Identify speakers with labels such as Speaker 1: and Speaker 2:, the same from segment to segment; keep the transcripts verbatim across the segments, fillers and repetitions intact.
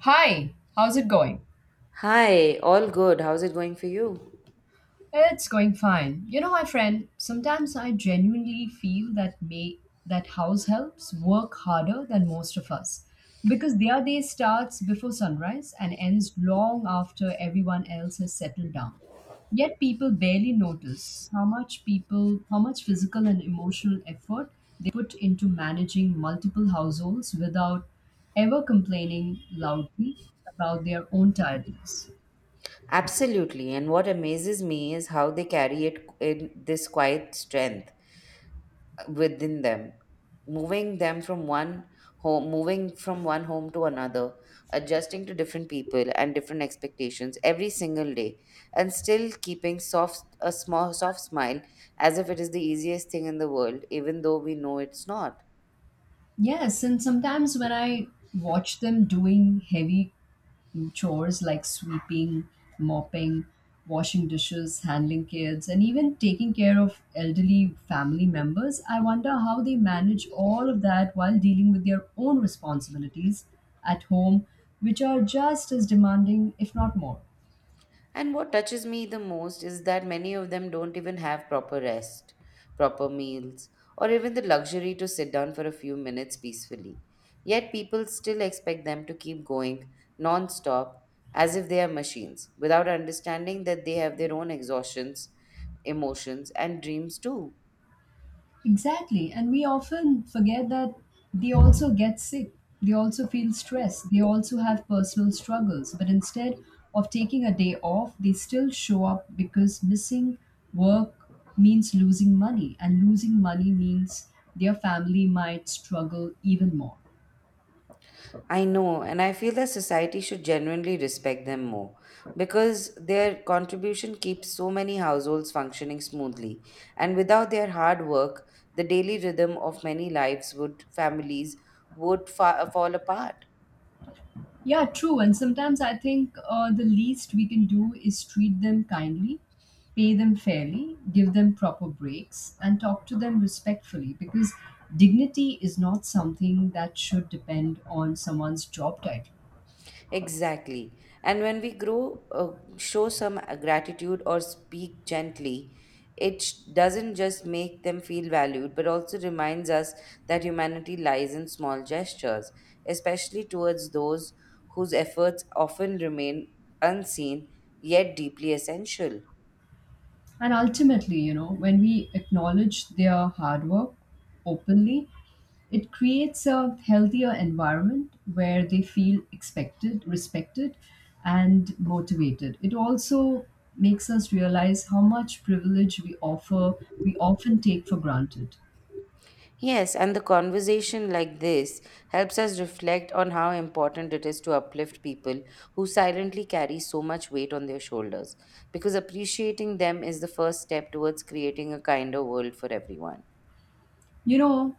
Speaker 1: Hi, how's it going?
Speaker 2: Hi, all good. How's it going for you?
Speaker 1: It's going fine. You know, my friend, sometimes I genuinely feel that may that house helps work harder than most of us because their day starts before sunrise and ends long after everyone else has settled down. Yet people barely notice how much people how much physical and emotional effort they put into managing multiple households without ever complaining loudly about their own tiredness.
Speaker 2: Absolutely. And what amazes me is how they carry it in this quiet strength uh, within them, moving them from one home, moving from one home to another, adjusting to different people and different expectations every single day, and still keeping soft a small soft smile as if it is the easiest thing in the world, even though we know it's not.
Speaker 1: Yes, and sometimes when I watch them doing heavy chores like sweeping, mopping, washing dishes, handling kids, and even taking care of elderly family members, I wonder how they manage all of that while dealing with their own responsibilities at home, which are just as demanding, if not more.
Speaker 2: And what touches me the most is that many of them don't even have proper rest, proper meals, or even the luxury to sit down for a few minutes peacefully. Yet people still expect them to keep going non stop as if they are machines, without understanding that they have their own exhaustions, emotions, and dreams too.
Speaker 1: Exactly. And we often forget that they also get sick, they also feel stressed, they also have personal struggles. But instead of taking a day off, they still show up because missing work means losing money, and losing money means their family might struggle even more.
Speaker 2: I know, and I feel that society should genuinely respect them more because their contribution keeps so many households functioning smoothly. And without their hard work, the daily rhythm of many lives would families would fa- fall apart.
Speaker 1: Yeah, true. And sometimes I think, uh, the least we can do is treat them kindly, pay them fairly, give them proper breaks, and talk to them respectfully because dignity is not something that should depend on someone's job title.
Speaker 2: Exactly. And when we grow, uh, show some uh, gratitude or speak gently, it sh- doesn't just make them feel valued, but also reminds us that humanity lies in small gestures, especially towards those whose efforts often remain unseen yet deeply essential.
Speaker 1: And ultimately, you know, when we acknowledge their hard work openly, it creates a healthier environment where they feel expected, respected, and motivated. It also makes us realize how much privilege we offer, we often take for granted.
Speaker 2: Yes, and the conversation like this helps us reflect on how important it is to uplift people who silently carry so much weight on their shoulders, because appreciating them is the first step towards creating a kinder world for everyone.
Speaker 1: You know,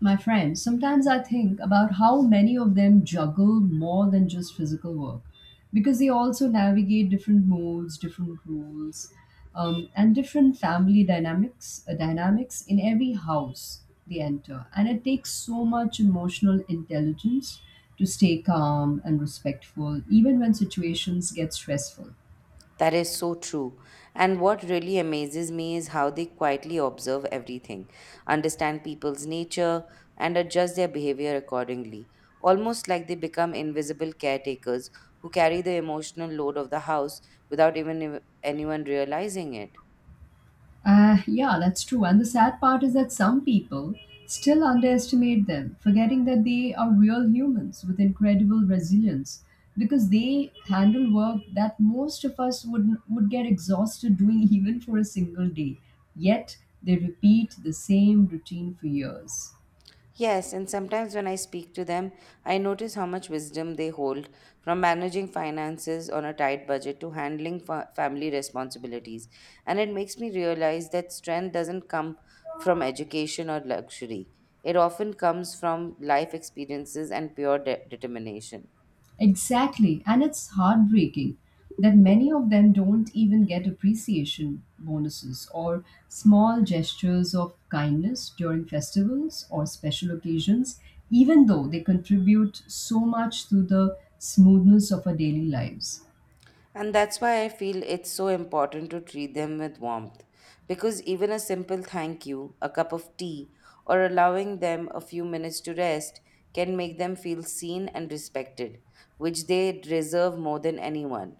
Speaker 1: my friend, sometimes I think about how many of them juggle more than just physical work because they also navigate different modes, different rules, um, and different family dynamics, uh, dynamics in every house they enter. And it takes so much emotional intelligence to stay calm and respectful, even when situations get stressful.
Speaker 2: That is so true. And what really amazes me is how they quietly observe everything, understand people's nature, and adjust their behavior accordingly, almost like they become invisible caretakers who carry the emotional load of the house without even ev- anyone realizing it.
Speaker 1: Uh, yeah, that's true. And the sad part is that some people still underestimate them, forgetting that they are real humans with incredible resilience because they handle work that most of us would, would get exhausted doing even for a single day. Yet they repeat the same routine for years.
Speaker 2: Yes, and sometimes when I speak to them, I notice how much wisdom they hold from managing finances on a tight budget to handling fa- family responsibilities. And it makes me realize that strength doesn't come from education or luxury, it often comes from life experiences and pure de- determination.
Speaker 1: Exactly, and it's heartbreaking that many of them don't even get appreciation bonuses or small gestures of kindness during festivals or special occasions, even though they contribute so much to the smoothness of our daily lives.
Speaker 2: And that's why I feel it's so important to treat them with warmth. Because even a simple thank you, a cup of tea, or allowing them a few minutes to rest can make them feel seen and respected, which they deserve more than anyone.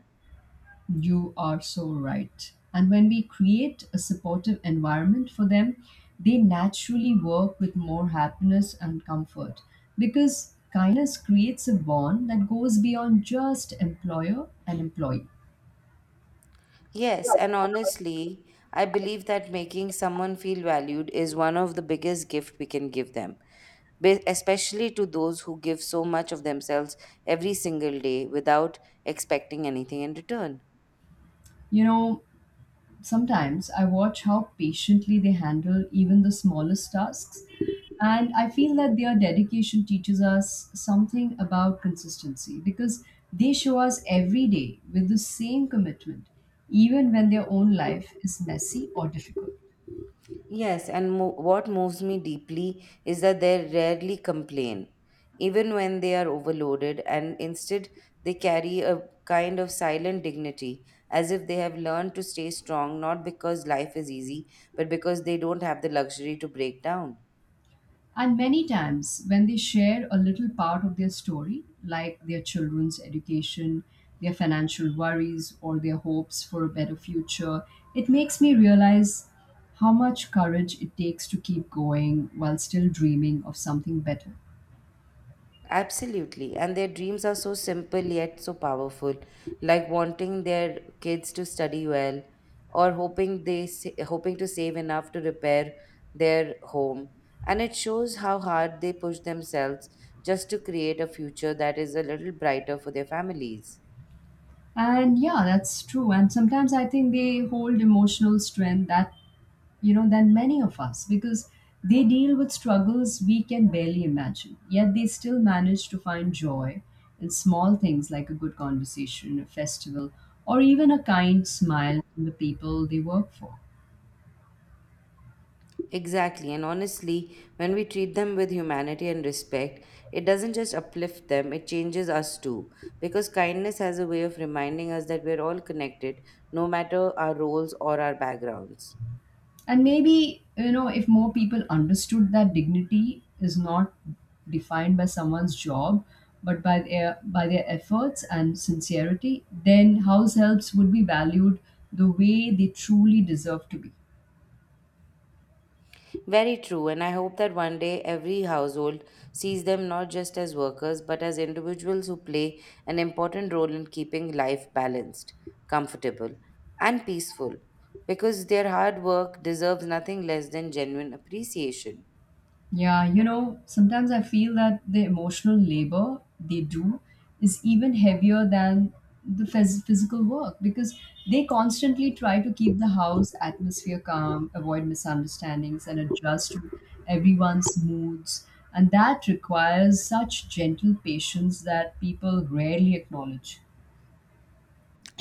Speaker 1: You are so right. And when we create a supportive environment for them, they naturally work with more happiness and comfort because kindness creates a bond that goes beyond just employer and employee.
Speaker 2: Yes, and honestly, I believe that making someone feel valued is one of the biggest gift we can give them, be- especially to those who give so much of themselves every single day without expecting anything in return.
Speaker 1: You know, sometimes I watch how patiently they handle even the smallest tasks, and I feel that their dedication teaches us something about consistency because they show us every day with the same commitment, even when their own life is messy or difficult.
Speaker 2: Yes, and mo- what moves me deeply is that they rarely complain, even when they are overloaded, and instead they carry a kind of silent dignity, as if they have learned to stay strong not because life is easy, but because they don't have the luxury to break down.
Speaker 1: And many times, when they share a little part of their story, like their children's education, their financial worries, or their hopes for a better future, it makes me realize how much courage it takes to keep going while still dreaming of something better.
Speaker 2: Absolutely. And their dreams are so simple yet so powerful, like wanting their kids to study well or hoping they sa- hoping to save enough to repair their home. And it shows how hard they push themselves just to create a future that is a little brighter for their families.
Speaker 1: And yeah, that's true. And sometimes I think they hold emotional strength that, you know, than many of us because they deal with struggles we can barely imagine, yet they still manage to find joy in small things like a good conversation, a festival, or even a kind smile from the people they work for.
Speaker 2: Exactly, and honestly, when we treat them with humanity and respect, it doesn't just uplift them, it changes us too. Because kindness has a way of reminding us that we're all connected, no matter our roles or our backgrounds.
Speaker 1: And maybe, you know, if more people understood that dignity is not defined by someone's job but by their by their efforts and sincerity, then house helps would be valued the way they truly deserve to be.
Speaker 2: Very true, and I hope that one day every household sees them not just as workers, but as individuals who play an important role in keeping life balanced, comfortable, and peaceful. Because their hard work deserves nothing less than genuine appreciation.
Speaker 1: Yeah, you know, sometimes I feel that the emotional labor they do is even heavier than the phys- physical work because they constantly try to keep the house atmosphere calm, avoid misunderstandings, and adjust to everyone's moods. And that requires such gentle patience that people rarely acknowledge.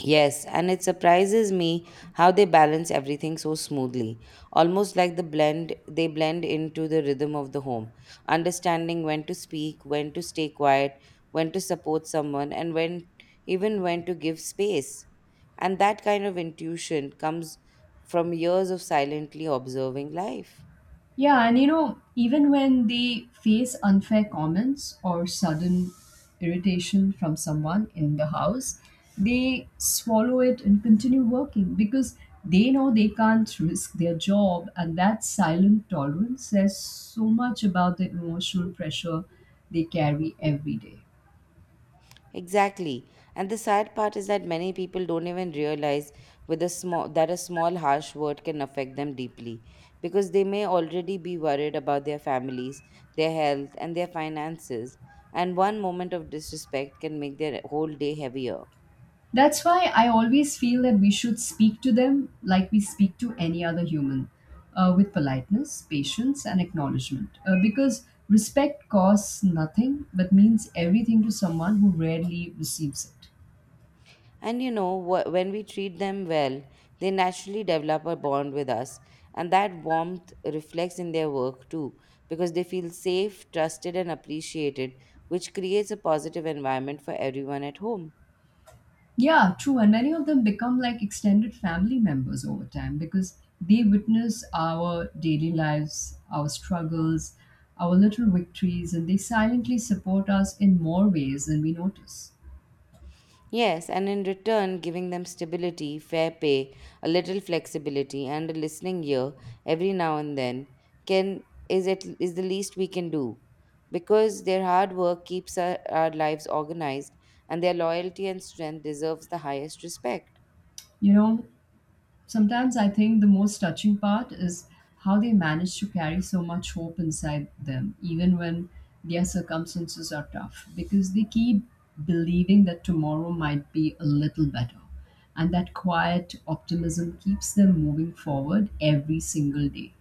Speaker 2: Yes, and it surprises me how they balance everything so smoothly, almost like the blend they blend into the rhythm of the home, understanding when to speak, when to stay quiet, when to support someone, and when even when to give space. And that kind of intuition comes from years of silently observing life.
Speaker 1: Yeah, and you know, even when they face unfair comments or sudden irritation from someone in the house, they swallow it and continue working because they know they can't risk their job. And that silent tolerance says so much about the emotional pressure they carry every day.
Speaker 2: Exactly. And the sad part is that many people don't even realize with a small that a small harsh word can affect them deeply because they may already be worried about their families, their health, and their finances, and one moment of disrespect can make their whole day heavier.
Speaker 1: That's why I always feel that we should speak to them like we speak to any other human, uh, with politeness, patience, and acknowledgement. Uh, because respect costs nothing but means everything to someone who rarely receives it.
Speaker 2: And you know, wh- when we treat them well, they naturally develop a bond with us. And that warmth reflects in their work too, because they feel safe, trusted, and appreciated, which creates a positive environment for everyone at home.
Speaker 1: Yeah, true. And many of them become like extended family members over time because they witness our daily lives, our struggles, our little victories, and they silently support us in more ways than we notice.
Speaker 2: Yes, and in return, giving them stability, fair pay, a little flexibility, and a listening ear every now and then can is at, is the least we can do, because their hard work keeps our, our lives organized, and their loyalty and strength deserves the highest respect.
Speaker 1: You know, sometimes I think the most touching part is how they manage to carry so much hope inside them, even when their circumstances are tough, because they keep believing that tomorrow might be a little better. And that quiet optimism keeps them moving forward every single day.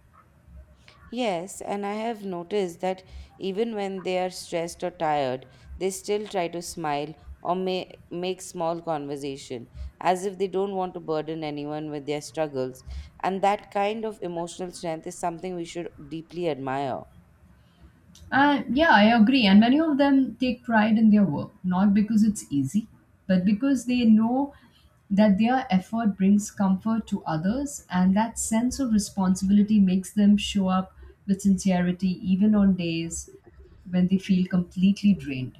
Speaker 2: Yes, and I have noticed that even when they are stressed or tired, they still try to smile or may, make small conversation, as if they don't want to burden anyone with their struggles. And that kind of emotional strength is something we should deeply admire.
Speaker 1: And yeah, I agree. And many of them take pride in their work, not because it's easy, but because they know that their effort brings comfort to others, and that sense of responsibility makes them show up with sincerity even on days when they feel completely drained.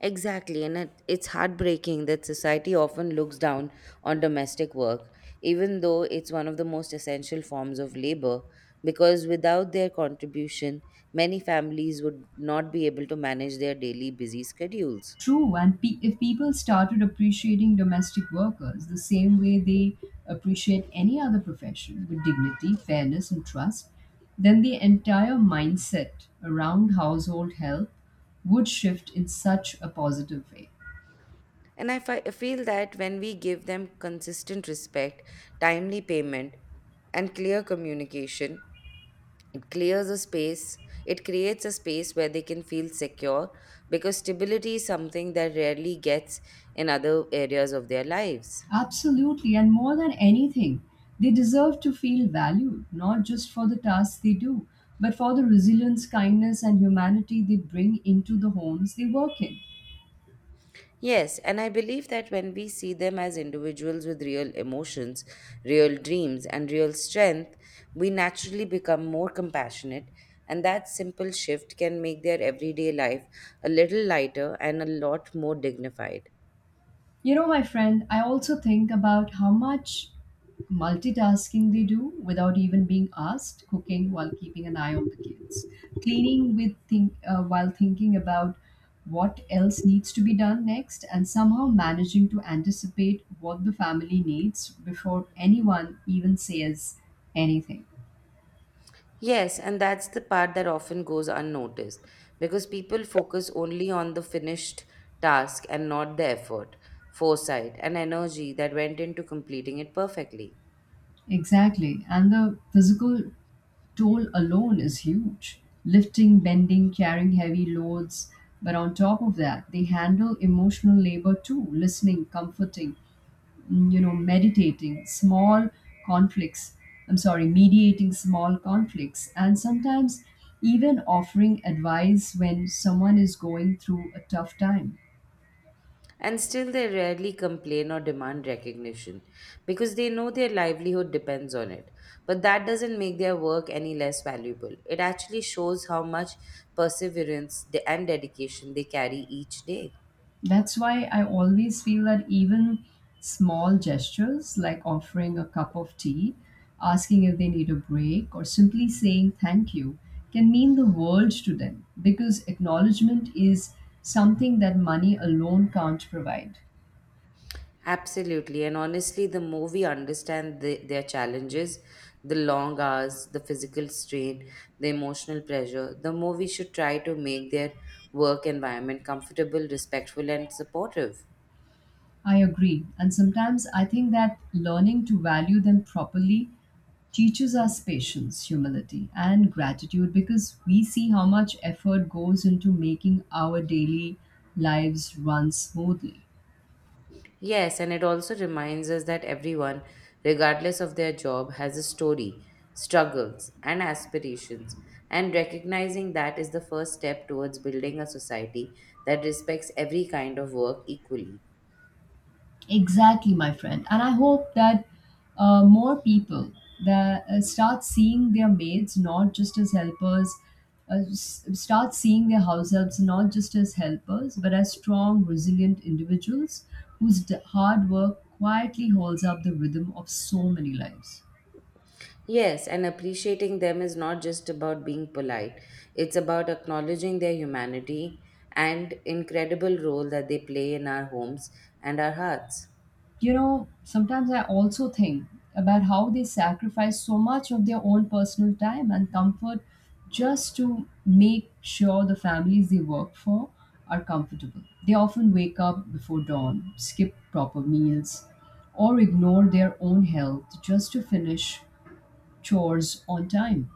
Speaker 2: Exactly, and it, it's heartbreaking that society often looks down on domestic work, even though it's one of the most essential forms of labor, because without their contribution, many families would not be able to manage their daily busy schedules.
Speaker 1: True, and pe- if people started appreciating domestic workers the same way they appreciate any other profession, with dignity, fairness, and trust, then the entire mindset around household help would shift in such a positive way.
Speaker 2: And I fi- I feel that when we give them consistent respect, timely payment, and clear communication, It clears a space, it creates a space where they can feel secure because stability is something that rarely gets in other areas of their lives.
Speaker 1: Absolutely, and more than anything, they deserve to feel valued, not just for the tasks they do, but for the resilience, kindness, and humanity they bring into the homes they work in.
Speaker 2: Yes, and I believe that when we see them as individuals with real emotions, real dreams, and real strength, we naturally become more compassionate. And that simple shift can make their everyday life a little lighter and a lot more dignified.
Speaker 1: You know, my friend, I also think about how much multitasking they do without even being asked, cooking while keeping an eye on the kids, cleaning with think uh, while thinking about what else needs to be done next, and somehow managing to anticipate what the family needs before anyone even says anything.
Speaker 2: Yes, and that's the part that often goes unnoticed because people focus only on the finished task and not the effort, foresight, and energy that went into completing it perfectly.
Speaker 1: Exactly. And the physical toll alone is huge. Lifting, bending, carrying heavy loads. But on top of that, they handle emotional labor too, listening, comforting, mm, you know, meditating, small conflicts. I'm sorry, mediating small conflicts. And sometimes even offering advice when someone is going through a tough time.
Speaker 2: And still, they rarely complain or demand recognition because they know their livelihood depends on it. But that doesn't make their work any less valuable. It actually shows how much perseverance de- and dedication they carry each day.
Speaker 1: That's why I always feel that even small gestures like offering a cup of tea, asking if they need a break, or simply saying thank you can mean the world to them because acknowledgement is something that money alone can't provide.
Speaker 2: Absolutely. And honestly, the more we understand the, their challenges, the long hours, the physical strain, the emotional pressure, the more we should try to make their work environment comfortable, respectful, and supportive.
Speaker 1: I agree. And sometimes I think that learning to value them properly teaches us patience, humility, and gratitude because we see how much effort goes into making our daily lives run smoothly.
Speaker 2: Yes, and it also reminds us that everyone, regardless of their job, has a story, struggles, and aspirations. And recognizing that is the first step towards building a society that respects every kind of work equally.
Speaker 1: Exactly, my friend. And I hope that, uh, more people that uh, start seeing their maids not just as helpers, uh, s- start seeing their house helps not just as helpers, but as strong, resilient individuals whose d- hard work quietly holds up the rhythm of so many lives.
Speaker 2: Yes, and appreciating them is not just about being polite, it's about acknowledging their humanity and incredible role that they play in our homes and our hearts.
Speaker 1: You know, sometimes I also think about how they sacrifice so much of their own personal time and comfort just to make sure the families they work for are comfortable. They often wake up before dawn, skip proper meals, or ignore their own health just to finish chores on time.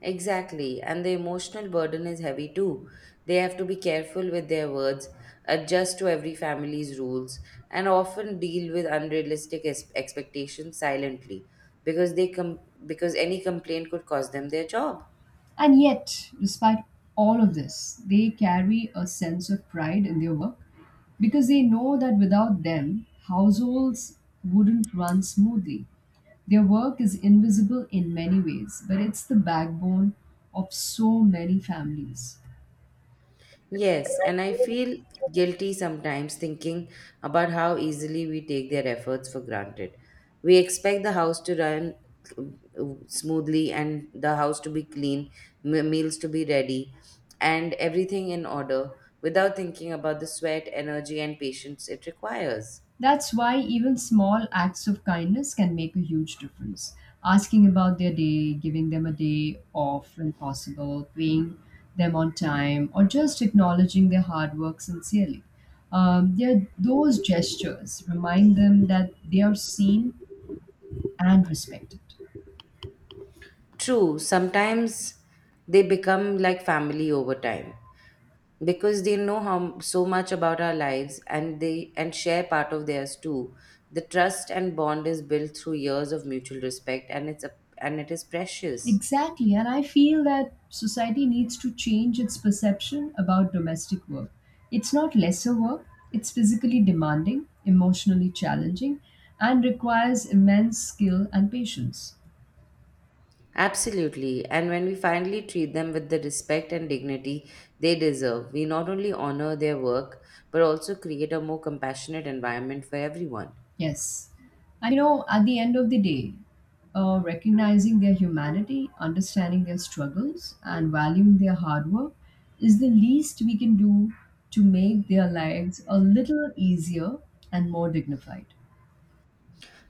Speaker 2: Exactly, and the emotional burden is heavy too. They have to be careful with their words, adjust to every family's rules, and often deal with unrealistic es- expectations silently because they com- because any complaint could cost them their job.
Speaker 1: And yet, despite all of this, they carry a sense of pride in their work because they know that without them, households wouldn't run smoothly. Their work is invisible in many ways, but it's the backbone of so many families.
Speaker 2: Yes, and I feel guilty sometimes thinking about how easily we take their efforts for granted. We expect the house to run uh, smoothly and the house to be clean, me- meals to be ready, and everything in order without thinking about the sweat, energy, and patience it requires.
Speaker 1: That's why even small acts of kindness can make a huge difference. Asking about their day, giving them a day off when possible, paying them on time, or just acknowledging their hard work sincerely. Um, they're- those gestures remind them that they are seen and respected.
Speaker 2: True, sometimes they become like family over time. Because they know how so much about our lives and they and share part of theirs too, the trust and bond is built through years of mutual respect, and it's a, and it is precious.
Speaker 1: Exactly, and I feel that society needs to change its perception about domestic work. It's not lesser work, it's physically demanding, emotionally challenging, and requires immense skill and patience.
Speaker 2: Absolutely, and when we finally treat them with the respect and dignity they deserve, we not only honor their work but also create a more compassionate environment for everyone.
Speaker 1: Yes. And you know, at the end of the day, uh, recognizing their humanity, understanding their struggles, and valuing their hard work is the least we can do to make their lives a little easier and more dignified.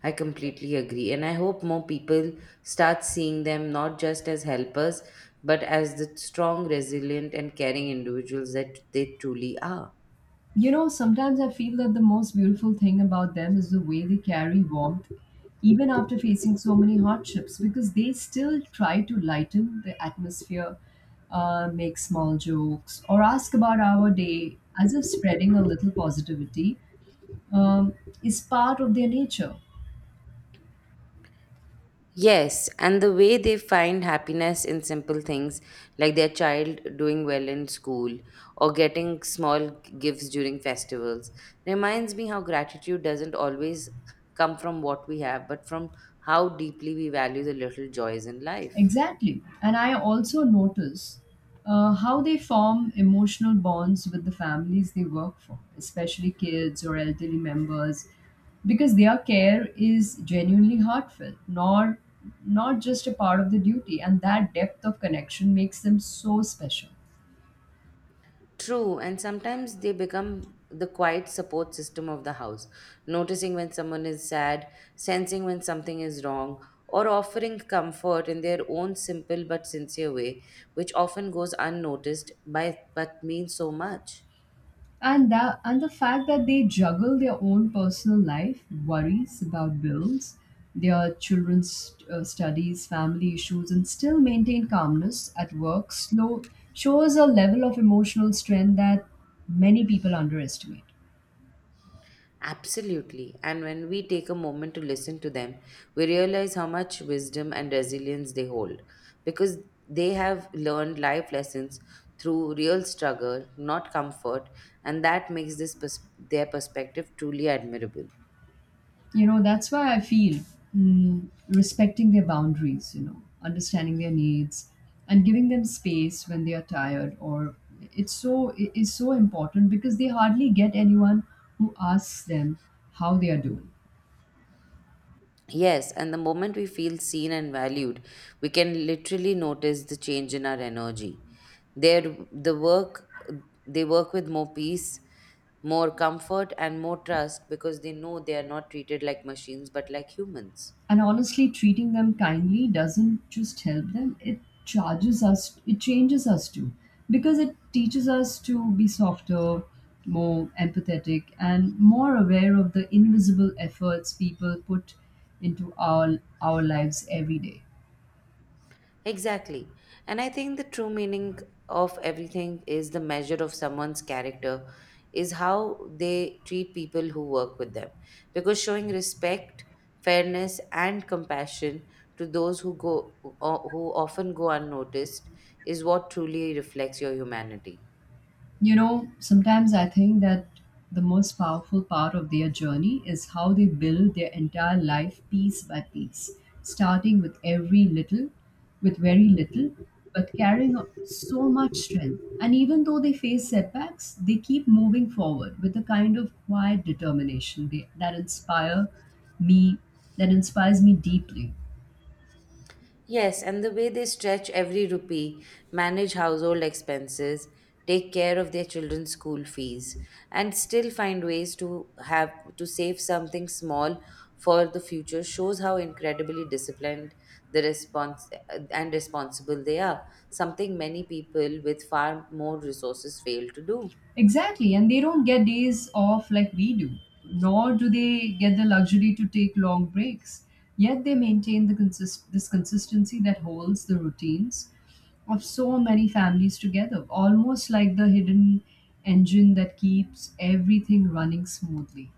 Speaker 2: I completely agree. And I hope more people start seeing them not just as helpers, but as the strong, resilient, and caring individuals that they truly are.
Speaker 1: You know, sometimes I feel that the most beautiful thing about them is the way they carry warmth, even after facing so many hardships, because they still try to lighten the atmosphere, uh, make small jokes, or ask about our day as if spreading a little positivity um, is part of their nature.
Speaker 2: Yes, and the way they find happiness in simple things like their child doing well in school or getting small gifts during festivals reminds me how gratitude doesn't always come from what we have, but from how deeply we value the little joys in life.
Speaker 1: Exactly. And I also notice, uh, how they form emotional bonds with the families they work for, especially kids or elderly members, because their care is genuinely heartfelt, not, not just a part of the duty. And that depth of connection makes them so special.
Speaker 2: True, and sometimes they become the quiet support system of the house, noticing when someone is sad, sensing when something is wrong, or offering comfort in their own simple but sincere way, which often goes unnoticed by but means so much.
Speaker 1: and that and the fact that they juggle their own personal life, worries about bills, their children's uh, studies, family issues, and still maintain calmness at work slow shows a level of emotional strength that many people underestimate.
Speaker 2: Absolutely. And when we take a moment to listen to them, we realize how much wisdom and resilience they hold because they have learned life lessons through real struggle, not comfort, and that makes this pers- their perspective truly admirable.
Speaker 1: You know, that's why I feel, mm, respecting their boundaries, you know, understanding their needs and giving them space when they are tired, or it's so it is so important because they hardly get anyone who asks them how they are doing.
Speaker 2: Yes, and the moment we feel seen and valued, we can literally notice the change in our energy. There, the work they work with more peace, more comfort and more trust because they know they are not treated like machines but like humans.
Speaker 1: And honestly, treating them kindly doesn't just help them, it charges us, it changes us too. Because it teaches us to be softer, more empathetic, and more aware of the invisible efforts people put into our, our lives every day.
Speaker 2: Exactly. And I think the true meaning of everything is the measure of someone's character, is how they treat people who work with them. Because showing respect, fairness, and compassion to those who go o- who often go unnoticed is what truly reflects your humanity.
Speaker 1: You know, sometimes I think that the most powerful part of their journey is how they build their entire life piece by piece, starting with every little, with very little, but carrying o- so much strength. And even though they face setbacks, they keep moving forward with a kind of quiet determination they, that inspire me, that inspires me deeply.
Speaker 2: Yes, and the way they stretch every rupee, manage household expenses, take care of their children's school fees, and still find ways to have to save something small for the future shows how incredibly disciplined the response and responsible they are, something many people with far more resources fail to do.
Speaker 1: Exactly, and they don't get days off like we do, nor do they get the luxury to take long breaks. Yet they maintain the consist- this consistency that holds the routines of so many families together, almost like the hidden engine that keeps everything running smoothly.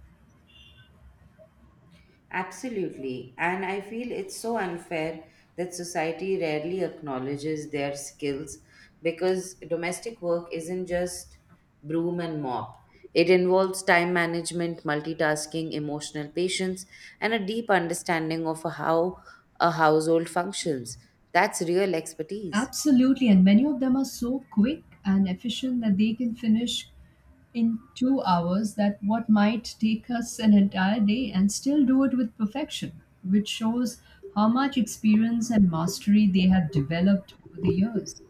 Speaker 2: Absolutely. And I feel it's so unfair that society rarely acknowledges their skills because domestic work isn't just broom and mop. It involves time management, multitasking, emotional patience, and a deep understanding of how a household functions. That's real expertise.
Speaker 1: Absolutely, and many of them are so quick and efficient that they can finish in two hours that what might take us an entire day and still do it with perfection, which shows how much experience and mastery they have developed over the years.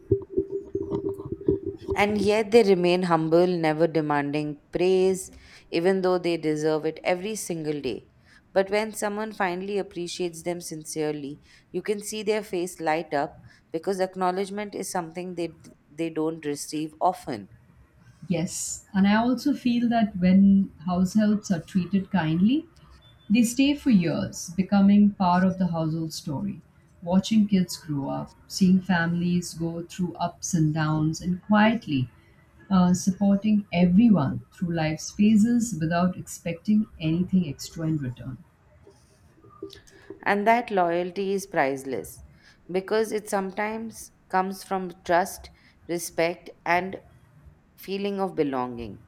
Speaker 2: And yet they remain humble, never demanding praise, even though they deserve it every single day. But when someone finally appreciates them sincerely, you can see their face light up because acknowledgement is something they, they don't receive often.
Speaker 1: Yes, and I also feel that when house helps are treated kindly, they stay for years, becoming part of the household story. Watching kids grow up, seeing families go through ups and downs, and quietly uh, supporting everyone through life's phases without expecting anything extra in return.
Speaker 2: And that loyalty is priceless because it sometimes comes from trust, respect, and feeling of belonging.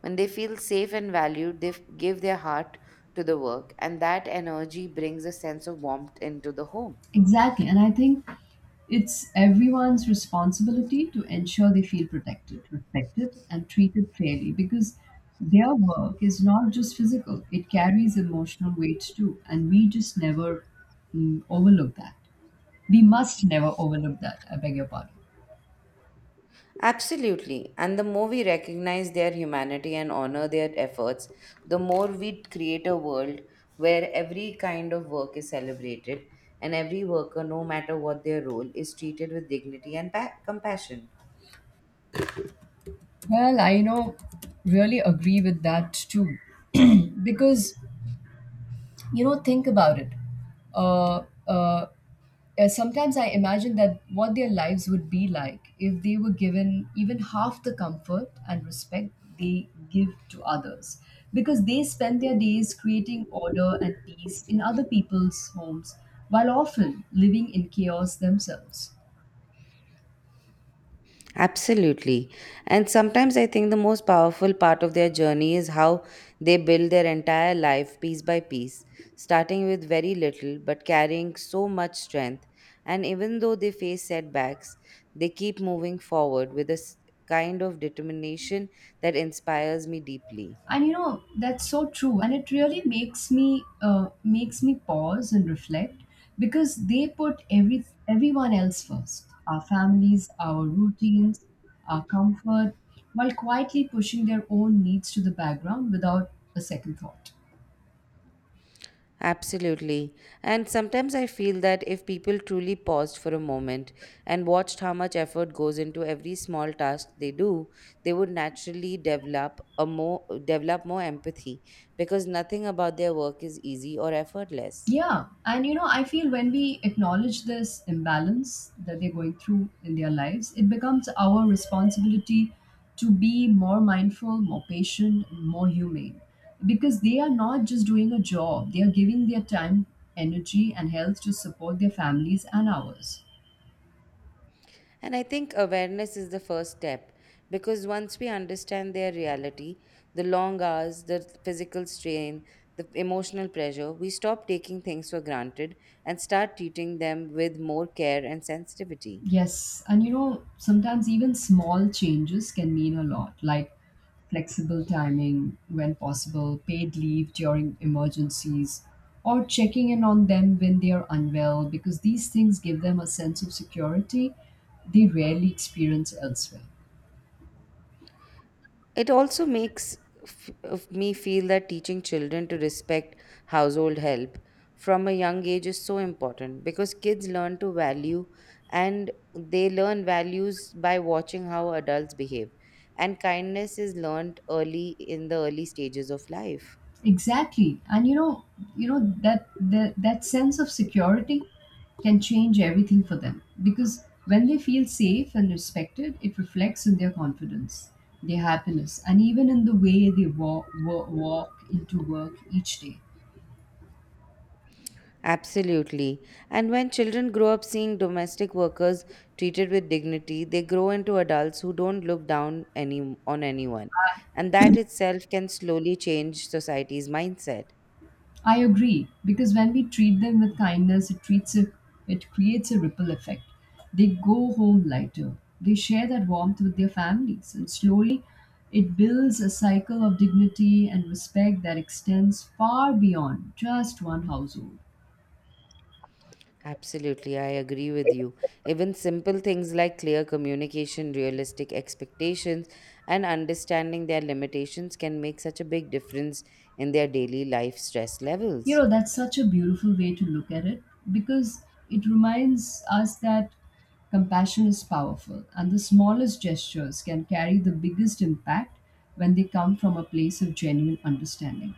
Speaker 2: When they feel safe and valued, they f- give their heart to the work, and that energy brings a sense of warmth into the home.
Speaker 1: Exactly. And I think it's everyone's responsibility to ensure they feel protected, respected, and treated fairly, because their work is not just physical, it carries emotional weight too. And we just never mm, overlook that. We must never overlook that. I beg your pardon.
Speaker 2: Absolutely. And the more we recognize their humanity and honor their efforts, the more we create a world where every kind of work is celebrated and every worker, no matter what their role, is treated with dignity and pa- compassion.
Speaker 1: Well, I, you know, really agree with that too. Because, you know, think about it. uh, uh, uh, Sometimes I imagine that what their lives would be like if they were given even half the comfort and respect they give to others, because they spend their days creating order and peace in other people's homes while often living in chaos themselves.
Speaker 2: Absolutely. And sometimes I think the most powerful part of their journey is how they build their entire life piece by piece, starting with very little but carrying so much strength. And even though they face setbacks, they keep moving forward with a s- kind of determination that inspires me deeply.
Speaker 1: And you know, that's so true, and it really makes me uh, makes me pause and reflect, because they put every everyone else first: our families, our routines, our comfort, while quietly pushing their own needs to the background without a second thought.
Speaker 2: Absolutely. And sometimes I feel that if people truly paused for a moment and watched how much effort goes into every small task they do, they would naturally develop a more develop more empathy because nothing about their work is easy or effortless.
Speaker 1: Yeah, and you know, I feel when we acknowledge this imbalance that they're going through in their lives, it becomes our responsibility to be more mindful, more patient, and more humane. Because they are not just doing a job, they are giving their time, energy, and health to support their families and ours.
Speaker 2: And I think awareness is the first step because once we understand their reality, the long hours, the physical strain, the emotional pressure, we stop taking things for granted and start treating them with more care and sensitivity.
Speaker 1: Yes, and you know, sometimes even small changes can mean a lot, like flexible timing when possible, paid leave during emergencies, or checking in on them when they are unwell, because these things give them a sense of security they rarely experience elsewhere.
Speaker 2: It also makes f- of me feel that teaching children to respect household help from a young age is so important because kids learn to value and they learn values by watching how adults behave. And kindness is learned early in the early stages of life.
Speaker 1: Exactly, and you know, you know that the, that sense of security can change everything for them, because when they feel safe and respected, it reflects in their confidence, their happiness, and even in the way they walk, walk into work each day.
Speaker 2: Absolutely. And when children grow up seeing domestic workers treated with dignity, they grow into adults who don't look down any, on anyone. And that itself can slowly change society's mindset.
Speaker 1: I agree, because when we treat them with kindness, it treats a, it creates a ripple effect. They go home lighter. They share that warmth with their families, and slowly, it builds a cycle of dignity and respect that extends far beyond just one household.
Speaker 2: Absolutely, I agree with you. Even simple things like clear communication, realistic expectations, and understanding their limitations can make such a big difference in their daily life stress
Speaker 1: You
Speaker 2: levels.
Speaker 1: know, that's such a beautiful way to look at it, because it reminds us that compassion is powerful and the smallest gestures can carry the biggest impact when they come from a place of genuine understanding.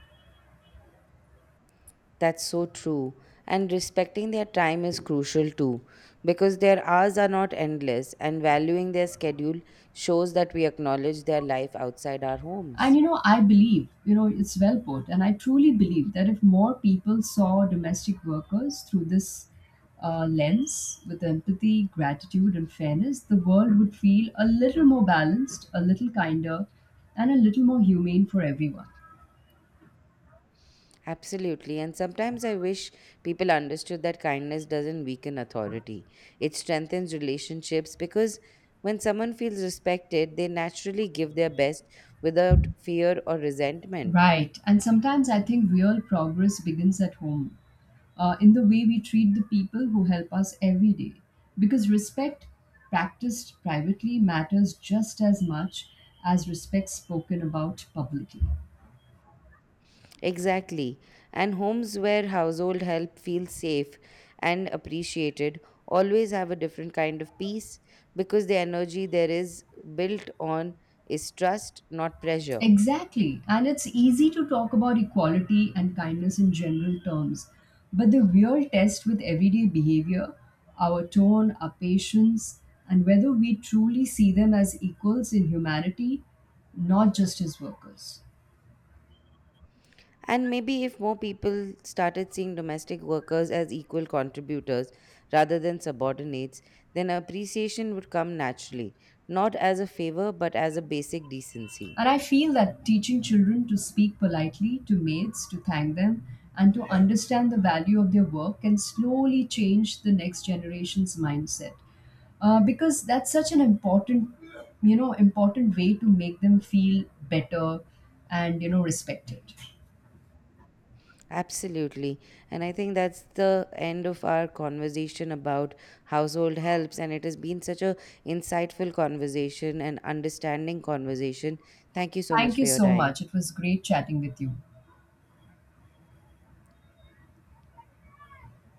Speaker 2: That's so true. And respecting their time is crucial too, because their hours are not endless, and valuing their schedule shows that we acknowledge their life outside our
Speaker 1: And
Speaker 2: homes.
Speaker 1: you know, I believe, you know, it's well put. And I truly believe that if more people saw domestic workers through this uh, lens, with empathy, gratitude, and fairness, the world would feel a little more balanced, a little kinder, and a little more humane for everyone.
Speaker 2: Absolutely. And sometimes I wish people understood that kindness doesn't weaken authority, it strengthens relationships because when someone feels respected, they naturally give their best without fear or resentment.
Speaker 1: Right. And sometimes I think real progress begins at home, uh, in the way we treat the people who help us every day. Because respect practiced privately matters just as much as respect spoken about publicly.
Speaker 2: Exactly. And homes where household help feels safe and appreciated always have a different kind of peace because the energy there is built on is trust, not pressure.
Speaker 1: Exactly. And it's easy to talk about equality and kindness in general terms. But the real test with everyday behavior, our tone, our patience, and whether we truly see them as equals in humanity, not just as workers.
Speaker 2: And maybe if more people started seeing domestic workers as equal contributors rather than subordinates, then appreciation would come naturally, not as a favor but as a basic decency.
Speaker 1: And I feel that teaching children to speak politely to maids, to thank them, and to understand the value of their work can slowly change the next generation's mindset. Uh, because that's such an important, you know, important way to make them feel better and, you know, respected.
Speaker 2: Absolutely. And I think that's the end of our conversation about household helps. And it has been such a insightful conversation and understanding conversation. Thank you so much
Speaker 1: Thank you
Speaker 2: for your
Speaker 1: so
Speaker 2: time.
Speaker 1: much. It was great chatting with you.